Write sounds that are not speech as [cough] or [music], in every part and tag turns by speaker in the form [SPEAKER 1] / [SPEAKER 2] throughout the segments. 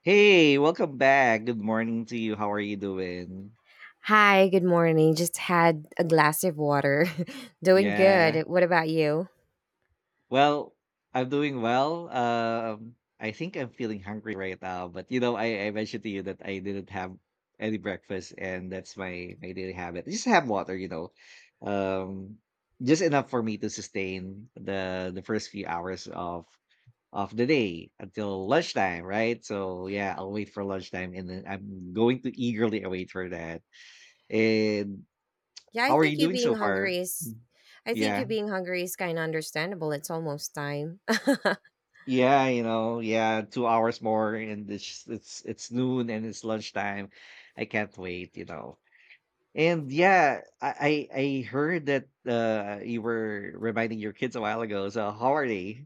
[SPEAKER 1] Hey, welcome back. Good morning to you. How are you doing?
[SPEAKER 2] Hi, good morning. Just had a glass of water. [laughs] Doing
[SPEAKER 1] Yeah.
[SPEAKER 2] good. What about you?
[SPEAKER 1] Well, I'm doing well. I think I'm feeling hungry right now, but I mentioned to you that I didn't have any breakfast and that's my daily habit. Just have water, you know. Um, just enough for me to sustain the first few hours of the day until lunchtime, right? So yeah, I'll wait for lunchtime and then I'm going to eagerly await for that. And
[SPEAKER 2] Yeah, I
[SPEAKER 1] how are you
[SPEAKER 2] think you
[SPEAKER 1] doing
[SPEAKER 2] being
[SPEAKER 1] so far?
[SPEAKER 2] hungry is I think
[SPEAKER 1] Yeah.
[SPEAKER 2] you being hungry is kind of understandable. It's almost time.
[SPEAKER 1] Yeah, 2 hours more and it's noon and it's lunchtime. I can't wait, you know. And yeah, I heard that you were reminding your kids a while ago. So how are they?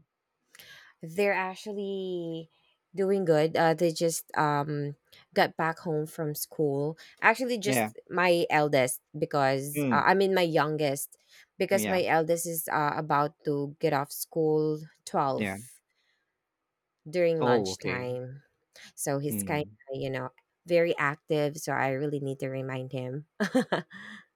[SPEAKER 2] [laughs] They're actually doing good. They just got back home from school. Actually,
[SPEAKER 1] Yeah.
[SPEAKER 2] just my eldest because
[SPEAKER 1] Mm.
[SPEAKER 2] I mean my youngest because
[SPEAKER 1] Yeah.
[SPEAKER 2] my eldest is about to get off school 12
[SPEAKER 1] Yeah.
[SPEAKER 2] during
[SPEAKER 1] Oh, okay.
[SPEAKER 2] lunchtime. So he's kind
[SPEAKER 1] Mm.
[SPEAKER 2] of, you know, very active. So I really need to remind him. [laughs]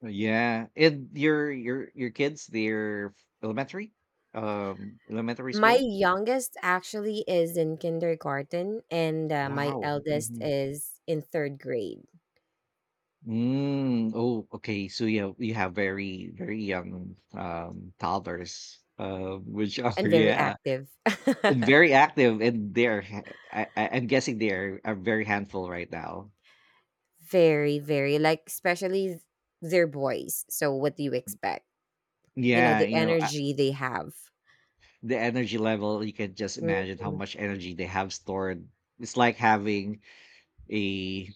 [SPEAKER 1] Yeah. And your kids, they're elementary? Elementary
[SPEAKER 2] My
[SPEAKER 1] school?
[SPEAKER 2] youngest actually is in kindergarten, and my
[SPEAKER 1] Wow.
[SPEAKER 2] eldest
[SPEAKER 1] Mm-hmm.
[SPEAKER 2] is in third grade
[SPEAKER 1] Mm, oh, okay. So yeah, we have very young toddlers, which are [laughs]
[SPEAKER 2] and very
[SPEAKER 1] yeah,
[SPEAKER 2] active.
[SPEAKER 1] and
[SPEAKER 2] [laughs]
[SPEAKER 1] very active, and I'm guessing they're a very handful right now.
[SPEAKER 2] Very, very, like, especially they're boys. So what do you expect? You know,
[SPEAKER 1] Yeah,
[SPEAKER 2] the energy they have.
[SPEAKER 1] the energy level. You can just imagine how
[SPEAKER 2] Mhm.
[SPEAKER 1] much energy they have stored. It's like having a,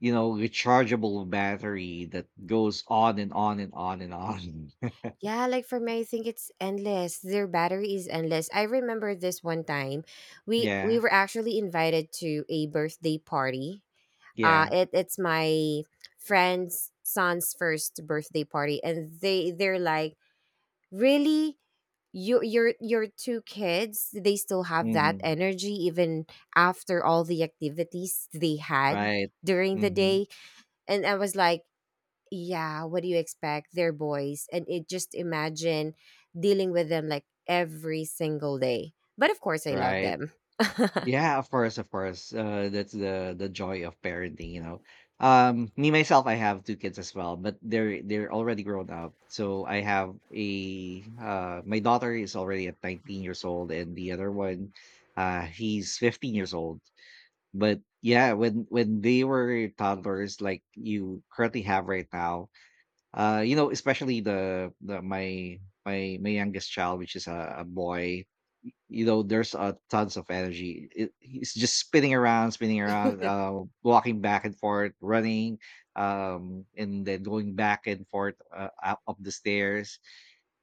[SPEAKER 1] you know, rechargeable battery that goes on and on and on and on. [laughs]
[SPEAKER 2] Yeah, like for me, I think it's endless. Their battery is endless. I remember this one time, we
[SPEAKER 1] Yeah,
[SPEAKER 2] were actually invited to a birthday party. Uh,
[SPEAKER 1] yeah.
[SPEAKER 2] it it's my friend's son's first birthday party, and they're like, really, you your two kids, they still have that
[SPEAKER 1] Hmm.
[SPEAKER 2] energy even after all the activities they had
[SPEAKER 1] Right.
[SPEAKER 2] during the
[SPEAKER 1] Hmm.
[SPEAKER 2] day, and I was like, yeah, what do you expect? They're boys, and it just imagine dealing with them like every single day, but of course I love
[SPEAKER 1] Right.
[SPEAKER 2] them. [laughs]
[SPEAKER 1] Yeah, of course, of course. That's the joy of parenting, you know. Me myself, I have two kids as well, but they're already grown up. So I have a my daughter is already at 19 years old, and the other one, he's 15 years old. But yeah, when they were toddlers, like you currently have right now, you know, especially the my my my youngest child, which is a boy. You know, there's tons of energy. He's just spinning around, walking back and forth, running, and then going back and forth up the stairs.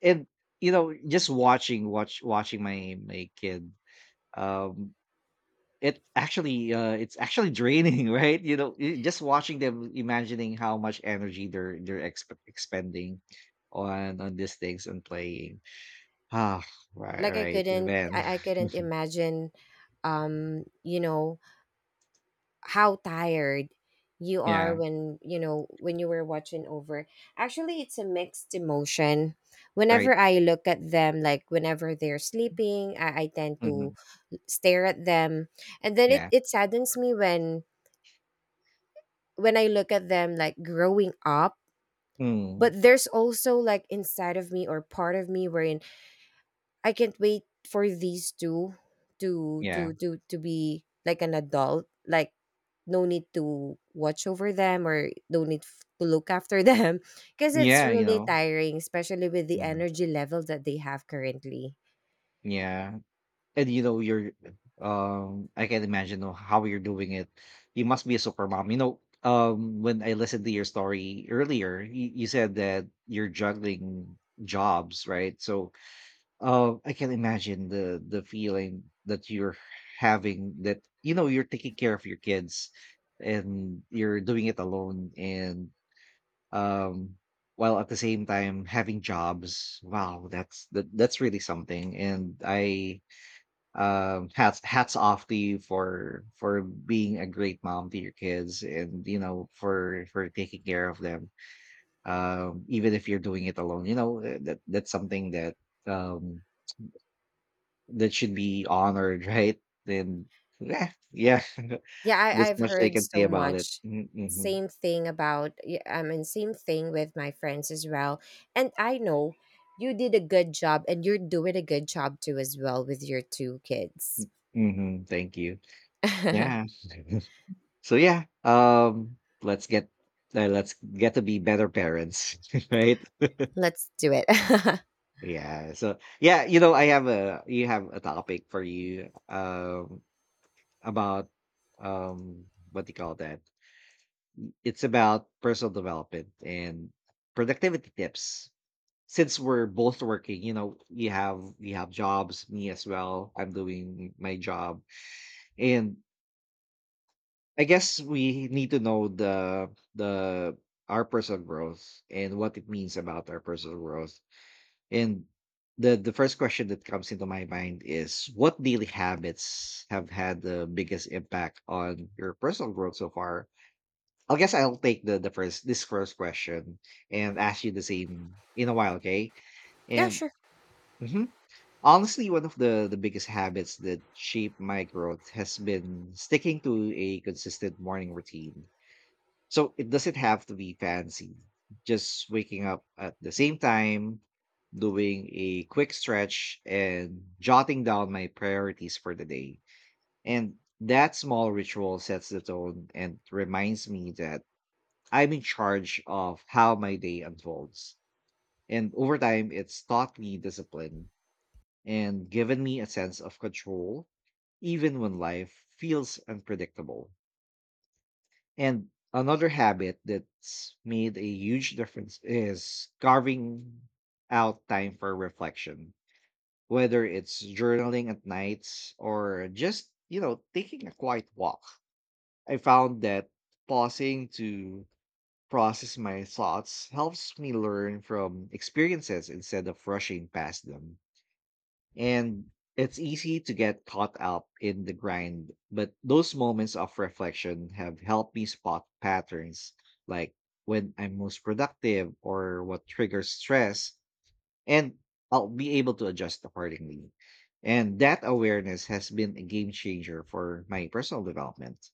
[SPEAKER 1] And you know, just watching my kid. Um, it's actually draining, [laughs] right? You know, just watching them, imagining how much energy they're expending on these things and playing. Ah,
[SPEAKER 2] like i
[SPEAKER 1] right,
[SPEAKER 2] couldn't
[SPEAKER 1] man.
[SPEAKER 2] i, I
[SPEAKER 1] [laughs]
[SPEAKER 2] couldn't imagine you know how tired you are
[SPEAKER 1] Yeah,
[SPEAKER 2] when you know when you were watching over. Actually it's a mixed emotion
[SPEAKER 1] right.
[SPEAKER 2] whenever I look at them, like whenever they're sleeping, I tend to
[SPEAKER 1] Hmm.
[SPEAKER 2] stare at them, and then
[SPEAKER 1] Yeah.
[SPEAKER 2] it saddens me when I look at them like growing up.
[SPEAKER 1] Mm,
[SPEAKER 2] But there's also like inside of me or part of me wherein I can't wait for these two to
[SPEAKER 1] yeah.
[SPEAKER 2] be like an adult. Like no need to watch over them or no need to look after them. [laughs] Because it's
[SPEAKER 1] Yeah. You
[SPEAKER 2] really
[SPEAKER 1] know.
[SPEAKER 2] tiring, especially with the
[SPEAKER 1] Hmm.
[SPEAKER 2] energy level that they have currently.
[SPEAKER 1] Yeah. And you know, you're, I can imagine, oh, how you're doing it. You must be a super mom. You know, when I listened to your story earlier, you said that you're juggling jobs, right? So I can imagine the feeling that you're having, that you know, you're taking care of your kids and you're doing it alone, and um while at the same time having jobs. Wow, that's really something. And I hats off to you for being a great mom to your kids, and you know, for taking care of them, even if you're doing it alone, you know. That that's something that um that should be honored, [laughs] right? then yeah yeah. [laughs]
[SPEAKER 2] Yeah, I,
[SPEAKER 1] This
[SPEAKER 2] I've
[SPEAKER 1] much they
[SPEAKER 2] heard
[SPEAKER 1] can say
[SPEAKER 2] so
[SPEAKER 1] about it.
[SPEAKER 2] much.
[SPEAKER 1] Mm,
[SPEAKER 2] Same thing about, I mean, same thing with my friends as well. And I know you did a good job, and you're doing a good job too as well with your two kids.
[SPEAKER 1] mm-hmm, thank you.
[SPEAKER 2] [laughs]
[SPEAKER 1] Yeah. [laughs] So yeah, let's get, let's get to be better parents, [laughs] right?
[SPEAKER 2] Let's do it. [laughs]
[SPEAKER 1] Yeah. So yeah, you know, I have a, you have a topic for you, about, um what do you call that? It's about personal development and productivity tips. Since we're both working, you know, you have, you have jobs, me as well. I'm doing my job. And I guess we need to know the our personal growth and what it means about our personal growth. And the first question that comes into my mind is, what daily habits have had the biggest impact on your personal growth so far? I guess I'll take the first this first question and ask you the same in a while, okay?
[SPEAKER 2] Yeah,
[SPEAKER 1] And
[SPEAKER 2] sure.
[SPEAKER 1] mhm. Honestly, one of the biggest habits that shaped my growth has been sticking to a consistent morning routine. So it doesn't have to be fancy. Just waking up at the same time, doing a quick stretch, and jotting down my priorities for the day. And that small ritual sets the tone and reminds me that I'm in charge of how my day unfolds. And over time, it's taught me discipline and given me a sense of control, even when life feels unpredictable. And another habit that's made a huge difference is carving out time for reflection, whether it's journaling at nights or just, you know, taking a quiet walk. I found that pausing to process my thoughts helps me learn from experiences instead of rushing past them. And it's easy to get caught up in the grind, but those moments of reflection have helped me spot patterns, like when I'm most productive or what triggers stress, and I'll be able to adjust accordingly. And that awareness has been a game changer for my personal development.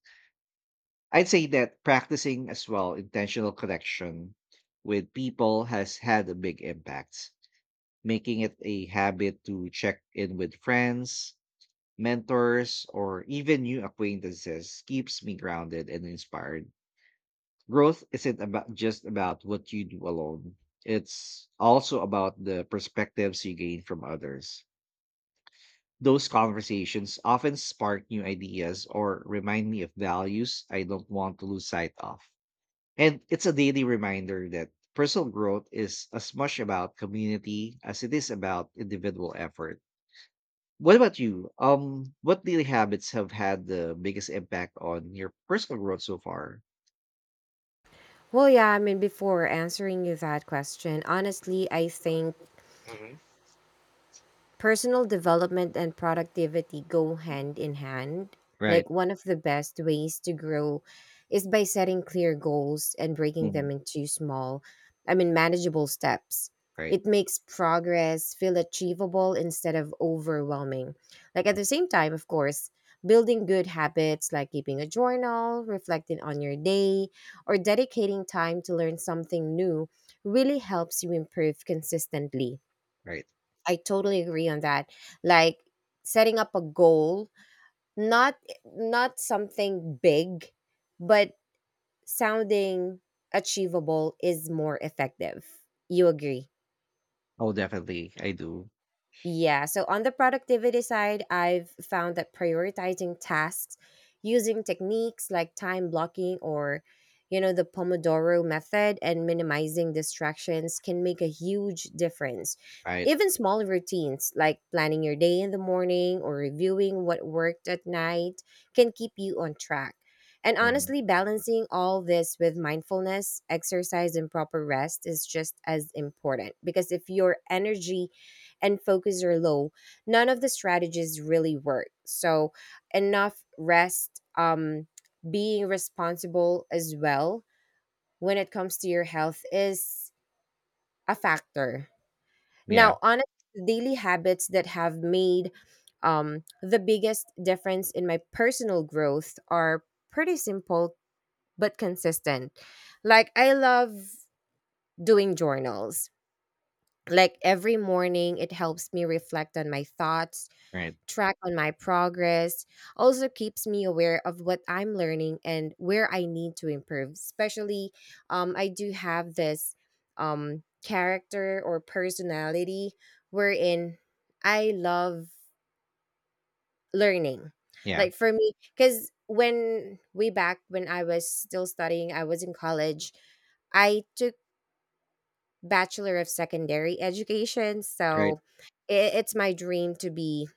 [SPEAKER 1] I'd say that practicing as well intentional connection with people has had a big impact. Making it a habit to check in with friends, mentors, or even new acquaintances keeps me grounded and inspired. Growth isn't about, just about what you do alone. It's also about the perspectives you gain from others. Those conversations often spark new ideas or remind me of values I don't want to lose sight of. And it's a daily reminder that personal growth is as much about community as it is about individual effort. What about you? What daily habits have had the biggest impact on your personal growth so far?
[SPEAKER 2] Well, yeah, I mean, before answering you that question, honestly, I think
[SPEAKER 1] Hmm.
[SPEAKER 2] personal development and productivity go hand in hand.
[SPEAKER 1] Right.
[SPEAKER 2] Like, one of the best ways to grow is by setting clear goals and breaking
[SPEAKER 1] Mhm.
[SPEAKER 2] them into small, I mean, manageable steps.
[SPEAKER 1] Right.
[SPEAKER 2] It makes progress feel achievable instead of overwhelming. Like, at the same time, of course, building good habits like keeping a journal, reflecting on your day, or dedicating time to learn something new really helps you improve consistently.
[SPEAKER 1] Right.
[SPEAKER 2] I totally agree on that. Like setting up a goal, not not something big, but sounding achievable is more effective. You agree?
[SPEAKER 1] Oh, definitely. I do.
[SPEAKER 2] Yeah. So on the productivity side, I've found that prioritizing tasks using techniques like time blocking or, you know, the Pomodoro method and minimizing distractions can make a huge difference.
[SPEAKER 1] Right.
[SPEAKER 2] Even small routines like planning your day in the morning or reviewing what worked at night can keep you on track. And
[SPEAKER 1] Hmm.
[SPEAKER 2] honestly, balancing all this with mindfulness, exercise, and proper rest is just as important because if your energy and focus are low, none of the strategies really work. So, enough rest, being responsible as well when it comes to your health is a factor.
[SPEAKER 1] Yeah.
[SPEAKER 2] Now, honestly, daily habits that have made the biggest difference in my personal growth are pretty simple but consistent. Like, I love doing journals. Like every morning, it helps me reflect on my thoughts,
[SPEAKER 1] Right.
[SPEAKER 2] track on my progress, also keeps me aware of what I'm learning and where I need to improve. Especially, I do have this character or personality wherein I love learning.
[SPEAKER 1] Yeah.
[SPEAKER 2] Like for me, because when way back when I was still studying, I was in college, I took Bachelor of Secondary Education.
[SPEAKER 1] Right.
[SPEAKER 2] So it's my dream to be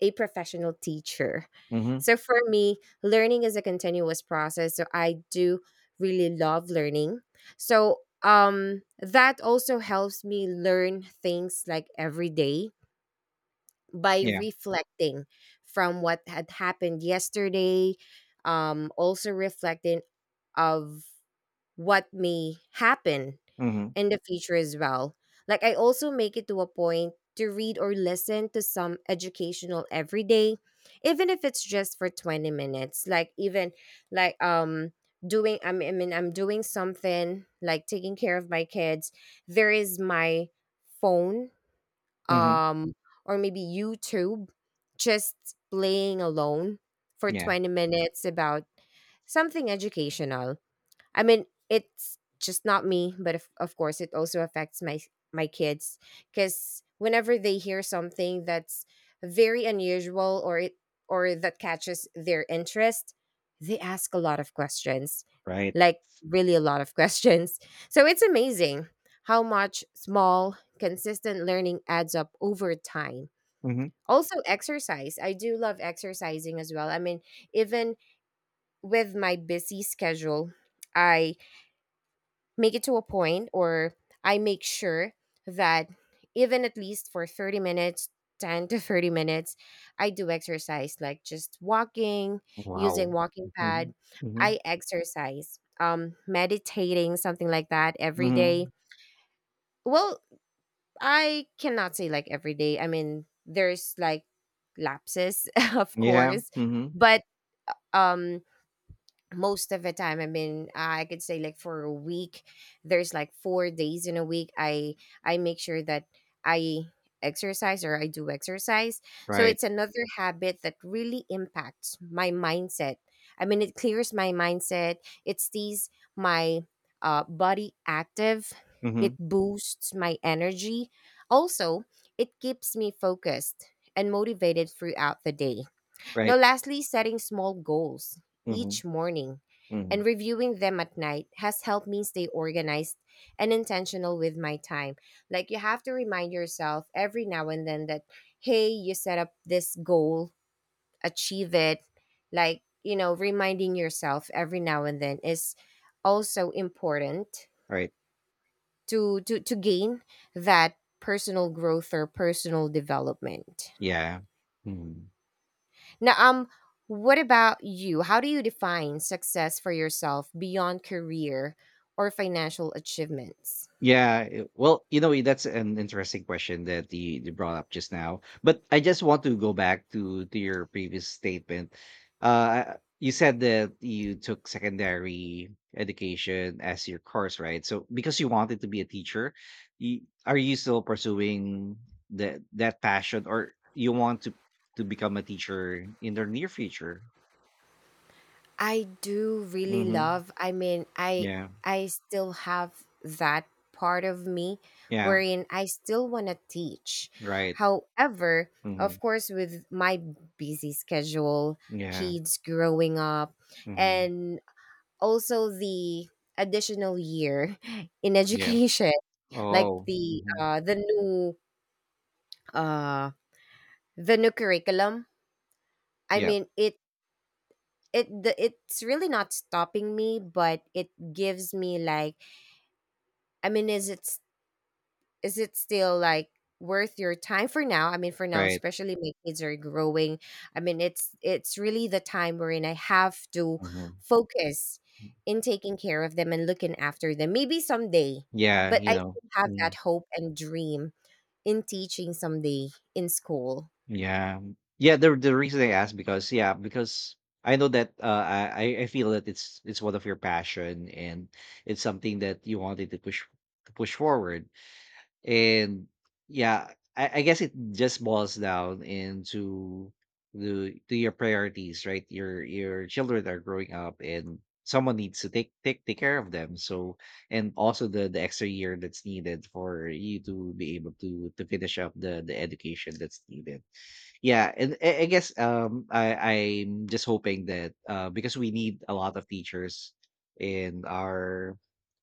[SPEAKER 2] a professional teacher.
[SPEAKER 1] Hmm.
[SPEAKER 2] So for me, learning is a continuous process. So I do really love learning. So that also helps me learn things like every day by
[SPEAKER 1] Yeah.
[SPEAKER 2] reflecting from what had happened yesterday, also reflecting of what may happen
[SPEAKER 1] Hmm.
[SPEAKER 2] in the future as well. Like I also make it to a point to read or listen to some educational every day, even if it's just for 20 minutes. Like even like doing I mean, I'm doing something like taking care of my kids. There is my phone
[SPEAKER 1] Hmm.
[SPEAKER 2] um or maybe YouTube just playing alone for
[SPEAKER 1] Yeah.
[SPEAKER 2] 20 minutes about something educational. I mean, it's just not me, but of course, it also affects my kids because whenever they hear something that's very unusual or it or that catches their interest, they ask a lot of questions,
[SPEAKER 1] Right.
[SPEAKER 2] like really a lot of [laughs] questions. So it's amazing how much small, consistent learning adds up over time.
[SPEAKER 1] Hmm.
[SPEAKER 2] Also, exercise. I do love exercising as well. I mean, even with my busy schedule, I make it to a point or I make sure that even at least for 30 minutes, 10 to 30 minutes, I do exercise like just walking,
[SPEAKER 1] Wow.
[SPEAKER 2] using walking
[SPEAKER 1] Hmm.
[SPEAKER 2] pad.
[SPEAKER 1] Hmm.
[SPEAKER 2] I exercise, meditating, something like that every day.
[SPEAKER 1] Hmm.
[SPEAKER 2] Well, I cannot say like every day. I mean, there's like lapses, [laughs] of
[SPEAKER 1] Yeah.
[SPEAKER 2] course,
[SPEAKER 1] Hmm.
[SPEAKER 2] but um most of the time. I mean I could say like for a week there's like 4 days in a week I make sure that I exercise or I do exercise. So
[SPEAKER 1] Right.
[SPEAKER 2] it's another habit that really impacts my mindset. I mean it clears my mindset. It stays my body active. It
[SPEAKER 1] Hmm.
[SPEAKER 2] boosts my energy. Also it keeps me focused and motivated throughout the day. Now,
[SPEAKER 1] Right.
[SPEAKER 2] lastly, setting small goals
[SPEAKER 1] Hmm.
[SPEAKER 2] each morning
[SPEAKER 1] Hmm.
[SPEAKER 2] and reviewing them at night has helped me stay organized and intentional with my time. Like, you have to remind yourself every now and then that, hey, you set up this goal, achieve it. Like, you know, reminding yourself every now and then is also important
[SPEAKER 1] Right.
[SPEAKER 2] to gain that personal growth or personal development.
[SPEAKER 1] Yeah. Hmm.
[SPEAKER 2] Now, what about you? How do you define success for yourself beyond career or financial achievements?
[SPEAKER 1] Yeah, well, you know, that's an interesting question that you brought up just now. But I just want to go back to your previous statement. You said that you took secondary education as your course, right? So because you wanted to be a teacher, you, are you still pursuing that passion, or you want to become a teacher in the near future?
[SPEAKER 2] I do really
[SPEAKER 1] Mm-hmm.
[SPEAKER 2] love. I mean,
[SPEAKER 1] Yeah.
[SPEAKER 2] I still have that part of me
[SPEAKER 1] Yeah.
[SPEAKER 2] wherein I still want to teach.
[SPEAKER 1] Right.
[SPEAKER 2] However,
[SPEAKER 1] Mm-hmm.
[SPEAKER 2] of course with my busy schedule,
[SPEAKER 1] Yeah.
[SPEAKER 2] kids growing up
[SPEAKER 1] Mm-hmm.
[SPEAKER 2] and also the additional year [laughs] in
[SPEAKER 1] Yeah.
[SPEAKER 2] education like
[SPEAKER 1] Oh. Mm-hmm.
[SPEAKER 2] uh the new curriculum. I
[SPEAKER 1] Yeah,
[SPEAKER 2] mean it's really not stopping me, but it gives me like I mean is it still like worth your time for now? I mean for now,
[SPEAKER 1] right.
[SPEAKER 2] especially my kids are growing. I mean it's really the time wherein I have to
[SPEAKER 1] Mhm.
[SPEAKER 2] focus in taking care of them and looking after them. Maybe someday,
[SPEAKER 1] Yeah,
[SPEAKER 2] but
[SPEAKER 1] you
[SPEAKER 2] I
[SPEAKER 1] know.
[SPEAKER 2] still have that
[SPEAKER 1] Mm,
[SPEAKER 2] hope and dream in teaching someday in school.
[SPEAKER 1] yeah. Yeah, the reason I asked, because yeah, because I know that I feel that it's one of your passion and it's something that you wanted to push forward. And yeah, I guess it just boils down into the to your priorities, right? Your children are growing up and someone needs to take care of them. So, and also the extra year that's needed for you to be able to finish up the education that's needed. Yeah, and I guess I'm just hoping that, because we need a lot of teachers in our,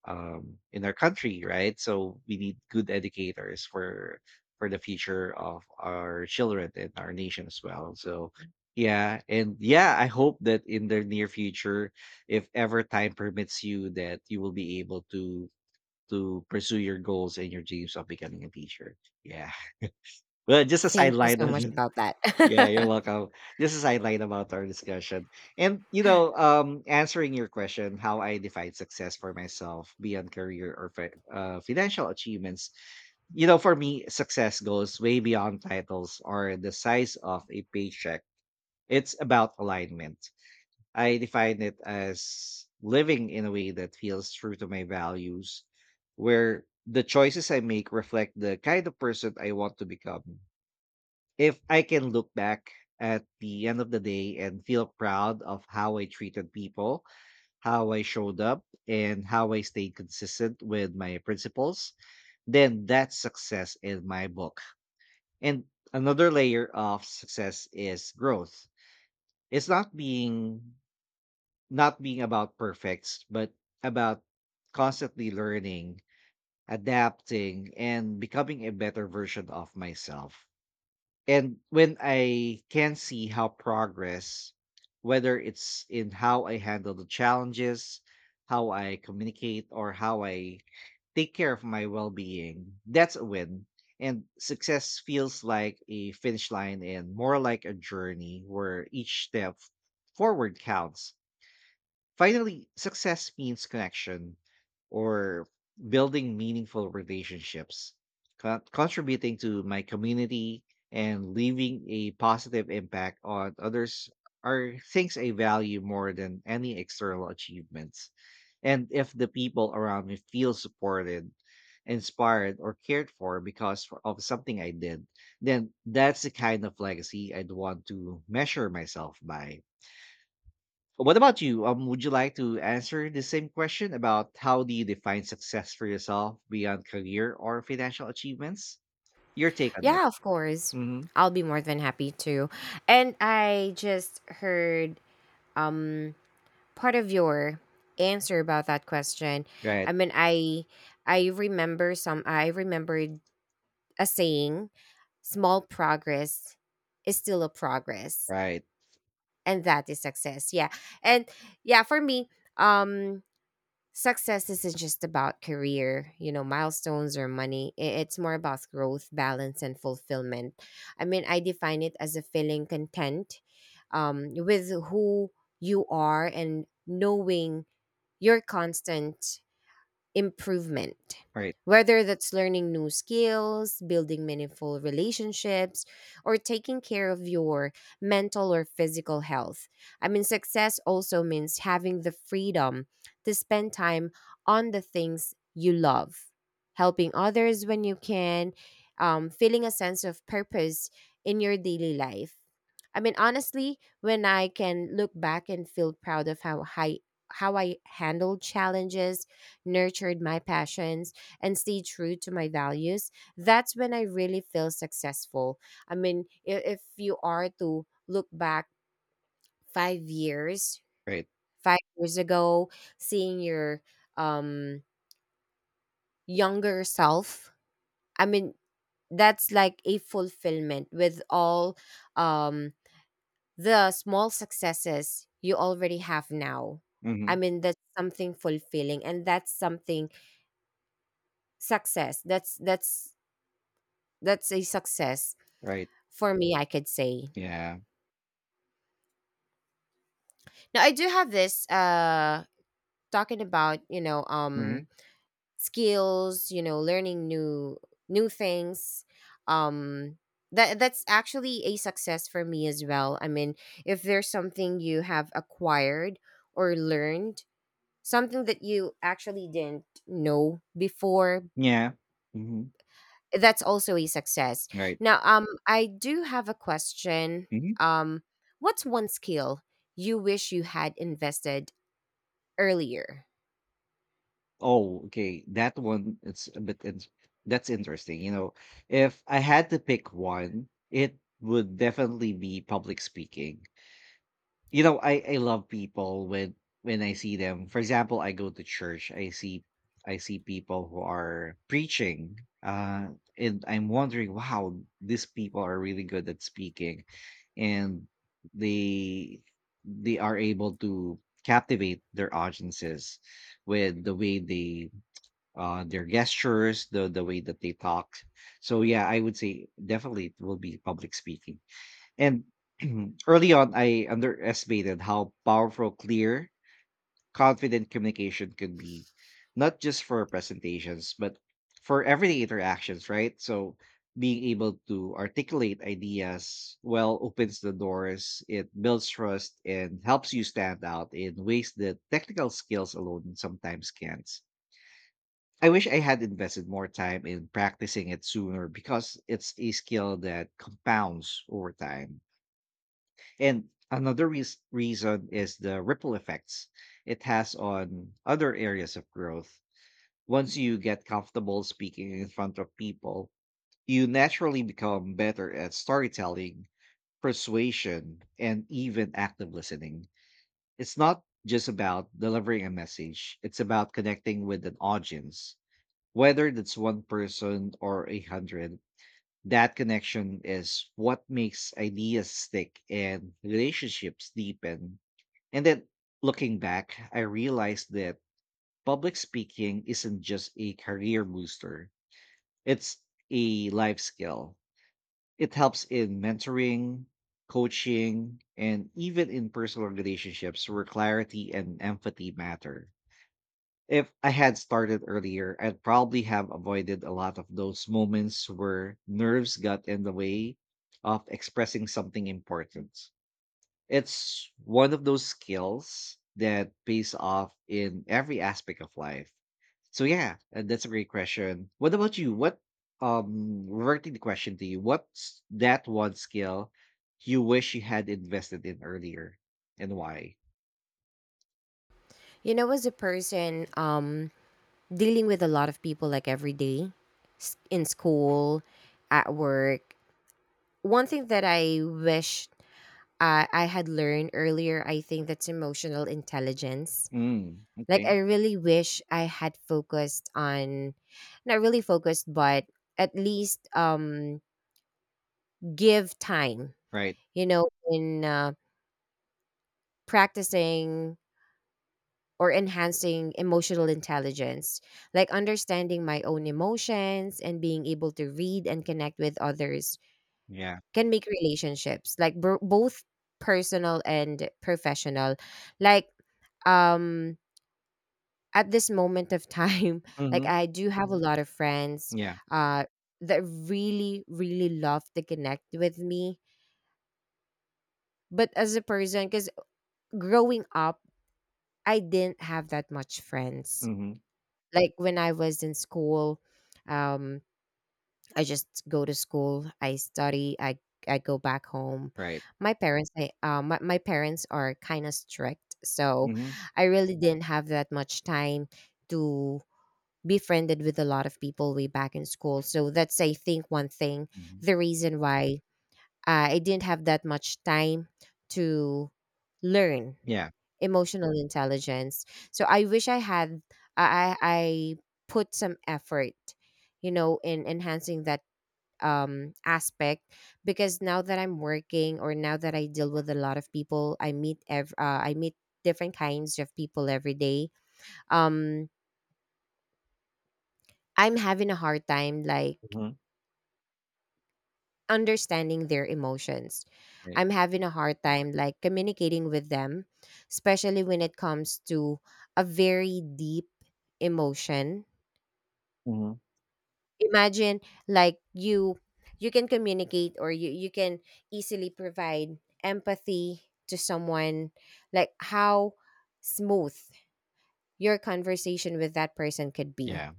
[SPEAKER 1] in our country, right? So we need good educators for the future of our children and our nation as well. So yeah, and yeah, I hope that in the near future, if ever time permits you, that you will be able to pursue your goals and your dreams of becoming a teacher. Yeah. Well, just a
[SPEAKER 2] Thank you
[SPEAKER 1] sideline
[SPEAKER 2] so much
[SPEAKER 1] on,
[SPEAKER 2] about that.
[SPEAKER 1] yeah, you're welcome. This is highlight about our discussion. And you know, answering your question, how I define success for myself beyond career or financial achievements. You know, for me, success goes way beyond titles or the size of a paycheck. It's about alignment. I define it as living in a way that feels true to my values, where the choices I make reflect the kind of person I want to become. If I can look back at the end of the day and feel proud of how I treated people, how I showed up, and how I stayed consistent with my principles, then that's success in my book. And another layer of success is growth. It's not being about perfects, but about constantly learning, adapting, and becoming a better version of myself. And when I can see how progress, whether it's in how I handle the challenges, how I communicate, or how I take care of my well being, that's a win. And success feels like a finish line and more like a journey where each step forward counts. Finally, success means connection, or building meaningful relationships, contributing to my community, and leaving a positive impact on others, are things I value more than any external achievements. And if the people around me feel supported, inspired, or cared for because, of something I did, then that's the kind of legacy I'd want to measure myself by. What about you? Would you like to answer the same question about how do you define success for yourself beyond career or financial achievements? Your take
[SPEAKER 2] [laughs]
[SPEAKER 1] on that.
[SPEAKER 2] Yeah, of course.
[SPEAKER 1] Hmm.
[SPEAKER 2] I'll be more than happy to. And I just heard um part of your answer about that question.
[SPEAKER 1] Right,
[SPEAKER 2] I mean, I I remember some I remembered a saying, small progress is still a progress,
[SPEAKER 1] right,
[SPEAKER 2] and that is success. Yeah. And yeah, for me, um success isn't just about career, you know, milestones or money. It's more about growth, balance, and fulfillment. I mean, I define it as a feeling content with who you are and knowing your constant improvement,
[SPEAKER 1] right,
[SPEAKER 2] whether that's learning new skills, building meaningful relationships, or taking care of your mental or physical health. I mean, success also means having the freedom to spend time on the things you love, helping others when you can, feeling a sense of purpose in your daily life. I mean, honestly, when I can look back and feel proud of how I handled challenges, nurtured my passions, and stayed true to my values, that's when I really feel successful. I mean, if you are to look back 5 years,
[SPEAKER 1] right.
[SPEAKER 2] 5 years ago, seeing your um, younger self, I mean, that's like a fulfillment with all um, the small successes you already have now.
[SPEAKER 1] Hmm.
[SPEAKER 2] I mean, that's something fulfilling, and that's something success. That's that's a success
[SPEAKER 1] Right.
[SPEAKER 2] for me, I could say.
[SPEAKER 1] Yeah.
[SPEAKER 2] Now I do have this talking about, you know,
[SPEAKER 1] Hmm.
[SPEAKER 2] skills, you know, learning new things. Um that that's actually a success for me as well. I mean, if there's something you have acquired or learned, something that you actually didn't know before,
[SPEAKER 1] Yeah. Hmm.
[SPEAKER 2] that's also a success.
[SPEAKER 1] Right.
[SPEAKER 2] Now, I do have a question.
[SPEAKER 1] Hmm.
[SPEAKER 2] Um, what's one skill you wish you had invested earlier?
[SPEAKER 1] Oh, okay. That one, it's a bit, in- That's interesting. You know, if I had to pick one, it would definitely be public speaking. You know, I love people when I see them. For example, I go to church. I see people who are preaching, uh, and I'm wondering, wow, these people are really good at speaking, and they they are able to captivate their audiences with the way they, their gestures, the way that they talk. So yeah, I would say definitely it will be public speaking. And [clears throat] early on, I underestimated how powerful clear, confident communication can be, not just for presentations, but for everyday interactions, right? So being able to articulate ideas well opens the doors, it builds trust, and helps you stand out in ways that technical skills alone sometimes can't. I wish I had invested more time in practicing it sooner because it's a skill that compounds over time. And another reason is the ripple effects it has on other areas of growth. Once you get comfortable speaking in front of people, you naturally become better at storytelling, persuasion, and even active listening. It's not just about delivering a message, it's about connecting with an audience, whether that's one person or a hundred. That connection is what makes ideas stick and relationships deepen, and then looking back, I realized that public speaking isn't just a career booster, it's a life skill. It helps in mentoring, coaching, and even in personal relationships where clarity and empathy matter. If I had started earlier, I'd probably have avoided a lot of those moments where nerves got in the way of expressing something important. It's one of those skills that pays off in every aspect of life. So yeah, that's a great question. What about you? What Reverting the question to you, what's that one skill you wish you had invested in earlier and why?
[SPEAKER 2] You know, as a person dealing with a lot of people like every day in school, at work, one thing that I wish I had learned earlier, I think that's emotional intelligence.
[SPEAKER 1] Mm,
[SPEAKER 2] Like,
[SPEAKER 1] okay.
[SPEAKER 2] I really wish I had focused on, not really focused, but at least give time,
[SPEAKER 1] Right.
[SPEAKER 2] in practicing or enhancing emotional intelligence, like understanding my own emotions and being able to read and connect with others
[SPEAKER 1] Yeah.
[SPEAKER 2] can make relationships like both personal and professional. Like, um, at this moment of time, [laughs] like
[SPEAKER 1] Mm-hmm.
[SPEAKER 2] I do have a lot of friends,
[SPEAKER 1] Yeah.
[SPEAKER 2] uh, that really, really love to connect with me. But as a person, because growing up, I didn't have that much friends.
[SPEAKER 1] Mm-hmm.
[SPEAKER 2] Like when I was in school, um, I just go to school, I study, I go back home.
[SPEAKER 1] Right.
[SPEAKER 2] My parents, I, my my parents are kind of strict, so
[SPEAKER 1] Mm-hmm.
[SPEAKER 2] I really didn't have that much time to be friended with a lot of people way back in school. So that's I think one thing,
[SPEAKER 1] Hmm.
[SPEAKER 2] the reason why I didn't have that much time to learn
[SPEAKER 1] Yeah.
[SPEAKER 2] emotional intelligence. So I wish I had I put some effort, in enhancing that aspect because now that I'm working or now that I deal with a lot of people, I meet I meet different kinds of people every day. Um I'm having a hard time like
[SPEAKER 1] Mm-hmm.
[SPEAKER 2] understanding their emotions.
[SPEAKER 1] Right.
[SPEAKER 2] I'm having a hard time like communicating with them, especially when it comes to a very deep emotion.
[SPEAKER 1] Mm-hmm.
[SPEAKER 2] Imagine like you can communicate or you can easily provide empathy to someone, like how smooth your conversation with that person could be.
[SPEAKER 1] Yeah.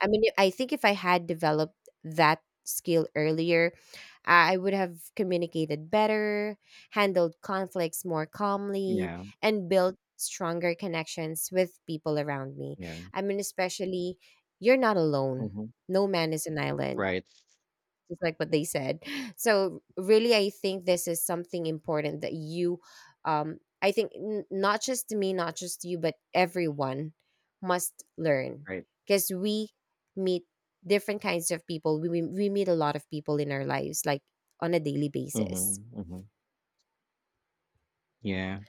[SPEAKER 2] I mean, I think if I had developed that skill earlier, I would have communicated better, handled conflicts more calmly,
[SPEAKER 1] Yeah.
[SPEAKER 2] and built stronger connections with people around me.
[SPEAKER 1] Yeah.
[SPEAKER 2] I mean, especially, you're not alone,
[SPEAKER 1] Mm-hmm.
[SPEAKER 2] no man is an island,
[SPEAKER 1] Right.
[SPEAKER 2] just like what they said. So really, I think this is something important that I think not just me, not just you, but everyone must learn
[SPEAKER 1] Right.
[SPEAKER 2] because we meet different kinds of people. We meet a lot of people in our lives, like on a daily basis.
[SPEAKER 1] Mm-hmm. Mm-hmm. Yeah.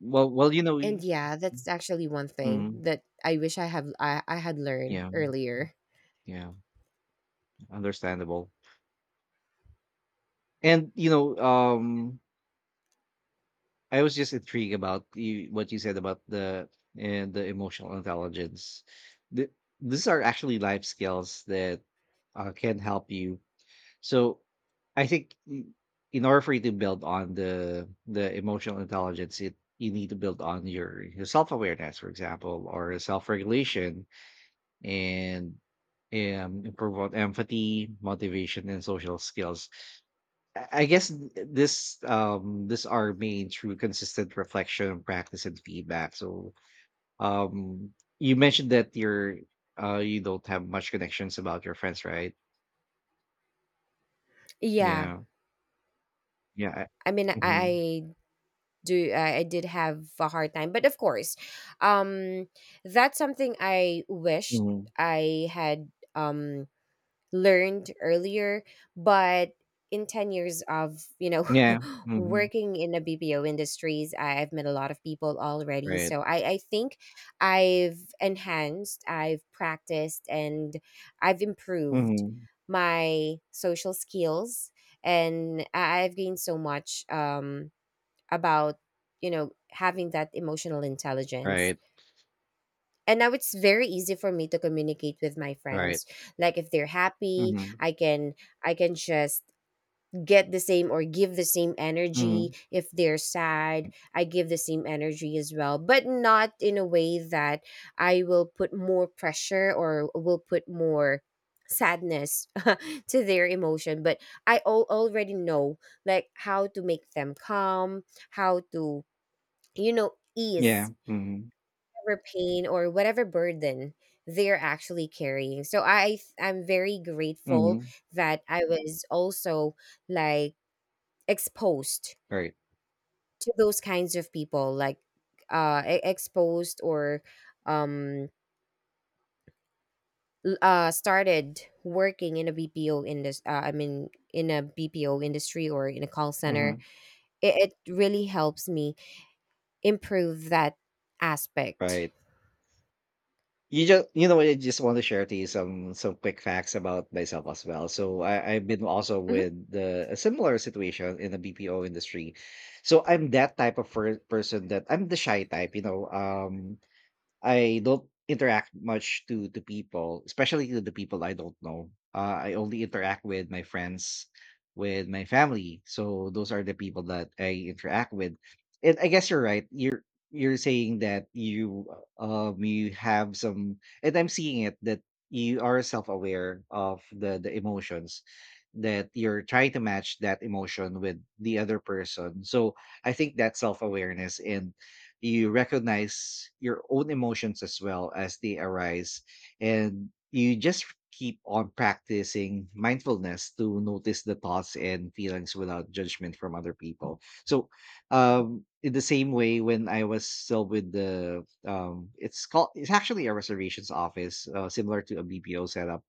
[SPEAKER 1] Well, you know,
[SPEAKER 2] And
[SPEAKER 1] we—
[SPEAKER 2] yeah, that's actually one thing
[SPEAKER 1] Mhm.
[SPEAKER 2] that I wish I had learned
[SPEAKER 1] Yeah,
[SPEAKER 2] earlier.
[SPEAKER 1] yeah, understandable. And, you know, I was just intrigued about you what you said about the and the emotional intelligence. Th These are actually life skills that, can help you. So, I think I in order for you to build on the emotional intelligence, it you need to build on your self-awareness, for example, or self-regulation. And improve on empathy, motivation, and social skills. I guess this this are main through consistent reflection, practice, and feedback. So um you mentioned that you're you don't have much connections about your friends, right?
[SPEAKER 2] Yeah.
[SPEAKER 1] Yeah, yeah.
[SPEAKER 2] I mean, I,
[SPEAKER 1] Mm-hmm.
[SPEAKER 2] I do I, I did have a hard time, but of course um that's something I wished
[SPEAKER 1] Hmm.
[SPEAKER 2] I had learned earlier, but in 10 years of
[SPEAKER 1] Yeah.
[SPEAKER 2] [laughs]
[SPEAKER 1] Hmm.
[SPEAKER 2] working in the bpo industries, I've met a lot of people already,
[SPEAKER 1] Right.
[SPEAKER 2] so I think I've enhanced, I've practiced, and I've improved
[SPEAKER 1] Hmm.
[SPEAKER 2] my social skills, and I've gained so much about having that emotional intelligence.
[SPEAKER 1] Right.
[SPEAKER 2] And now it's very easy for me to communicate with my
[SPEAKER 1] Right.
[SPEAKER 2] friends. Like if they're happy,
[SPEAKER 1] Hmm.
[SPEAKER 2] I can just get the same or give the same energy.
[SPEAKER 1] Hmm.
[SPEAKER 2] If they're sad, I give the same energy as well, but not in a way that I will put more pressure or will put more sadness [laughs] to their emotion. But I already know like how to make them calm, how to
[SPEAKER 1] Yeah.
[SPEAKER 2] ease
[SPEAKER 1] Hmm.
[SPEAKER 2] whatever pain or whatever burden they're actually carrying. So I'm very grateful
[SPEAKER 1] Hmm.
[SPEAKER 2] that I was also like exposed
[SPEAKER 1] Right.
[SPEAKER 2] to those kinds of people, like exposed or um started working in a BPO industry, I mean in a BPO industry or in a call center.
[SPEAKER 1] Hmm.
[SPEAKER 2] It really helps me improve that aspect.
[SPEAKER 1] Right. You just, you know what, I just want to share to you some quick facts about myself as well. So I've been also with
[SPEAKER 2] [laughs]
[SPEAKER 1] the, a similar situation in the BPO industry. So I'm that type of person that I'm the shy type, you know. I don't interact much to people, especially to the people I don't know. I only interact with my friends, with my family. So those are the people that I interact with. And I guess you're right. You're saying that you have some, and I'm seeing it that you are self aware of the emotions that you're trying to match that emotion with the other person. So I think that self awareness, and you recognize your own emotions as well as they arise, and you just keep on practicing mindfulness to notice the thoughts and feelings without judgment from other people. So in the same way when I was still with the it's called it's actually a reservations office, similar to a BPO setup.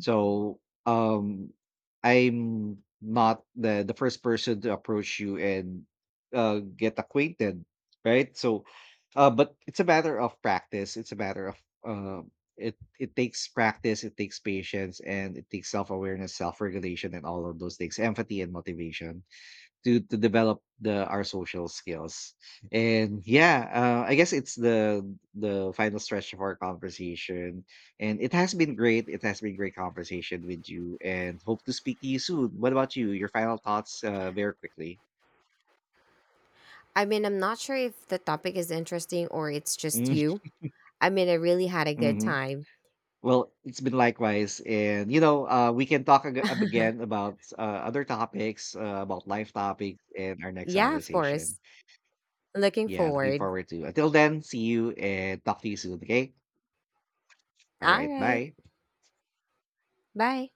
[SPEAKER 1] So um I'm not the first person to approach you and get acquainted, right? So but it's a matter of practice. It's a matter of uh it it takes practice, it takes patience, and it takes self-awareness, self-regulation, and all of those things, empathy and motivation to develop the our social skills. And yeah, I guess it's the final stretch of our conversation, and it has been great, it has been great conversation with you, and hope to speak to you soon. What about you, your final thoughts, very quickly?
[SPEAKER 2] I mean, I'm not sure if the topic is interesting or it's just you. I mean, I really had a good
[SPEAKER 1] Mm-hmm.
[SPEAKER 2] time.
[SPEAKER 1] Well, it's been likewise, and you know, we can talk again
[SPEAKER 2] [laughs]
[SPEAKER 1] about, other topics, about life topics in our next
[SPEAKER 2] Yeah, of
[SPEAKER 1] conversation.
[SPEAKER 2] course. Looking
[SPEAKER 1] Yeah, looking
[SPEAKER 2] forward.
[SPEAKER 1] forward to, until then, see you and talk to you soon, okay. All
[SPEAKER 2] All
[SPEAKER 1] right,
[SPEAKER 2] right.
[SPEAKER 1] bye.
[SPEAKER 2] Bye.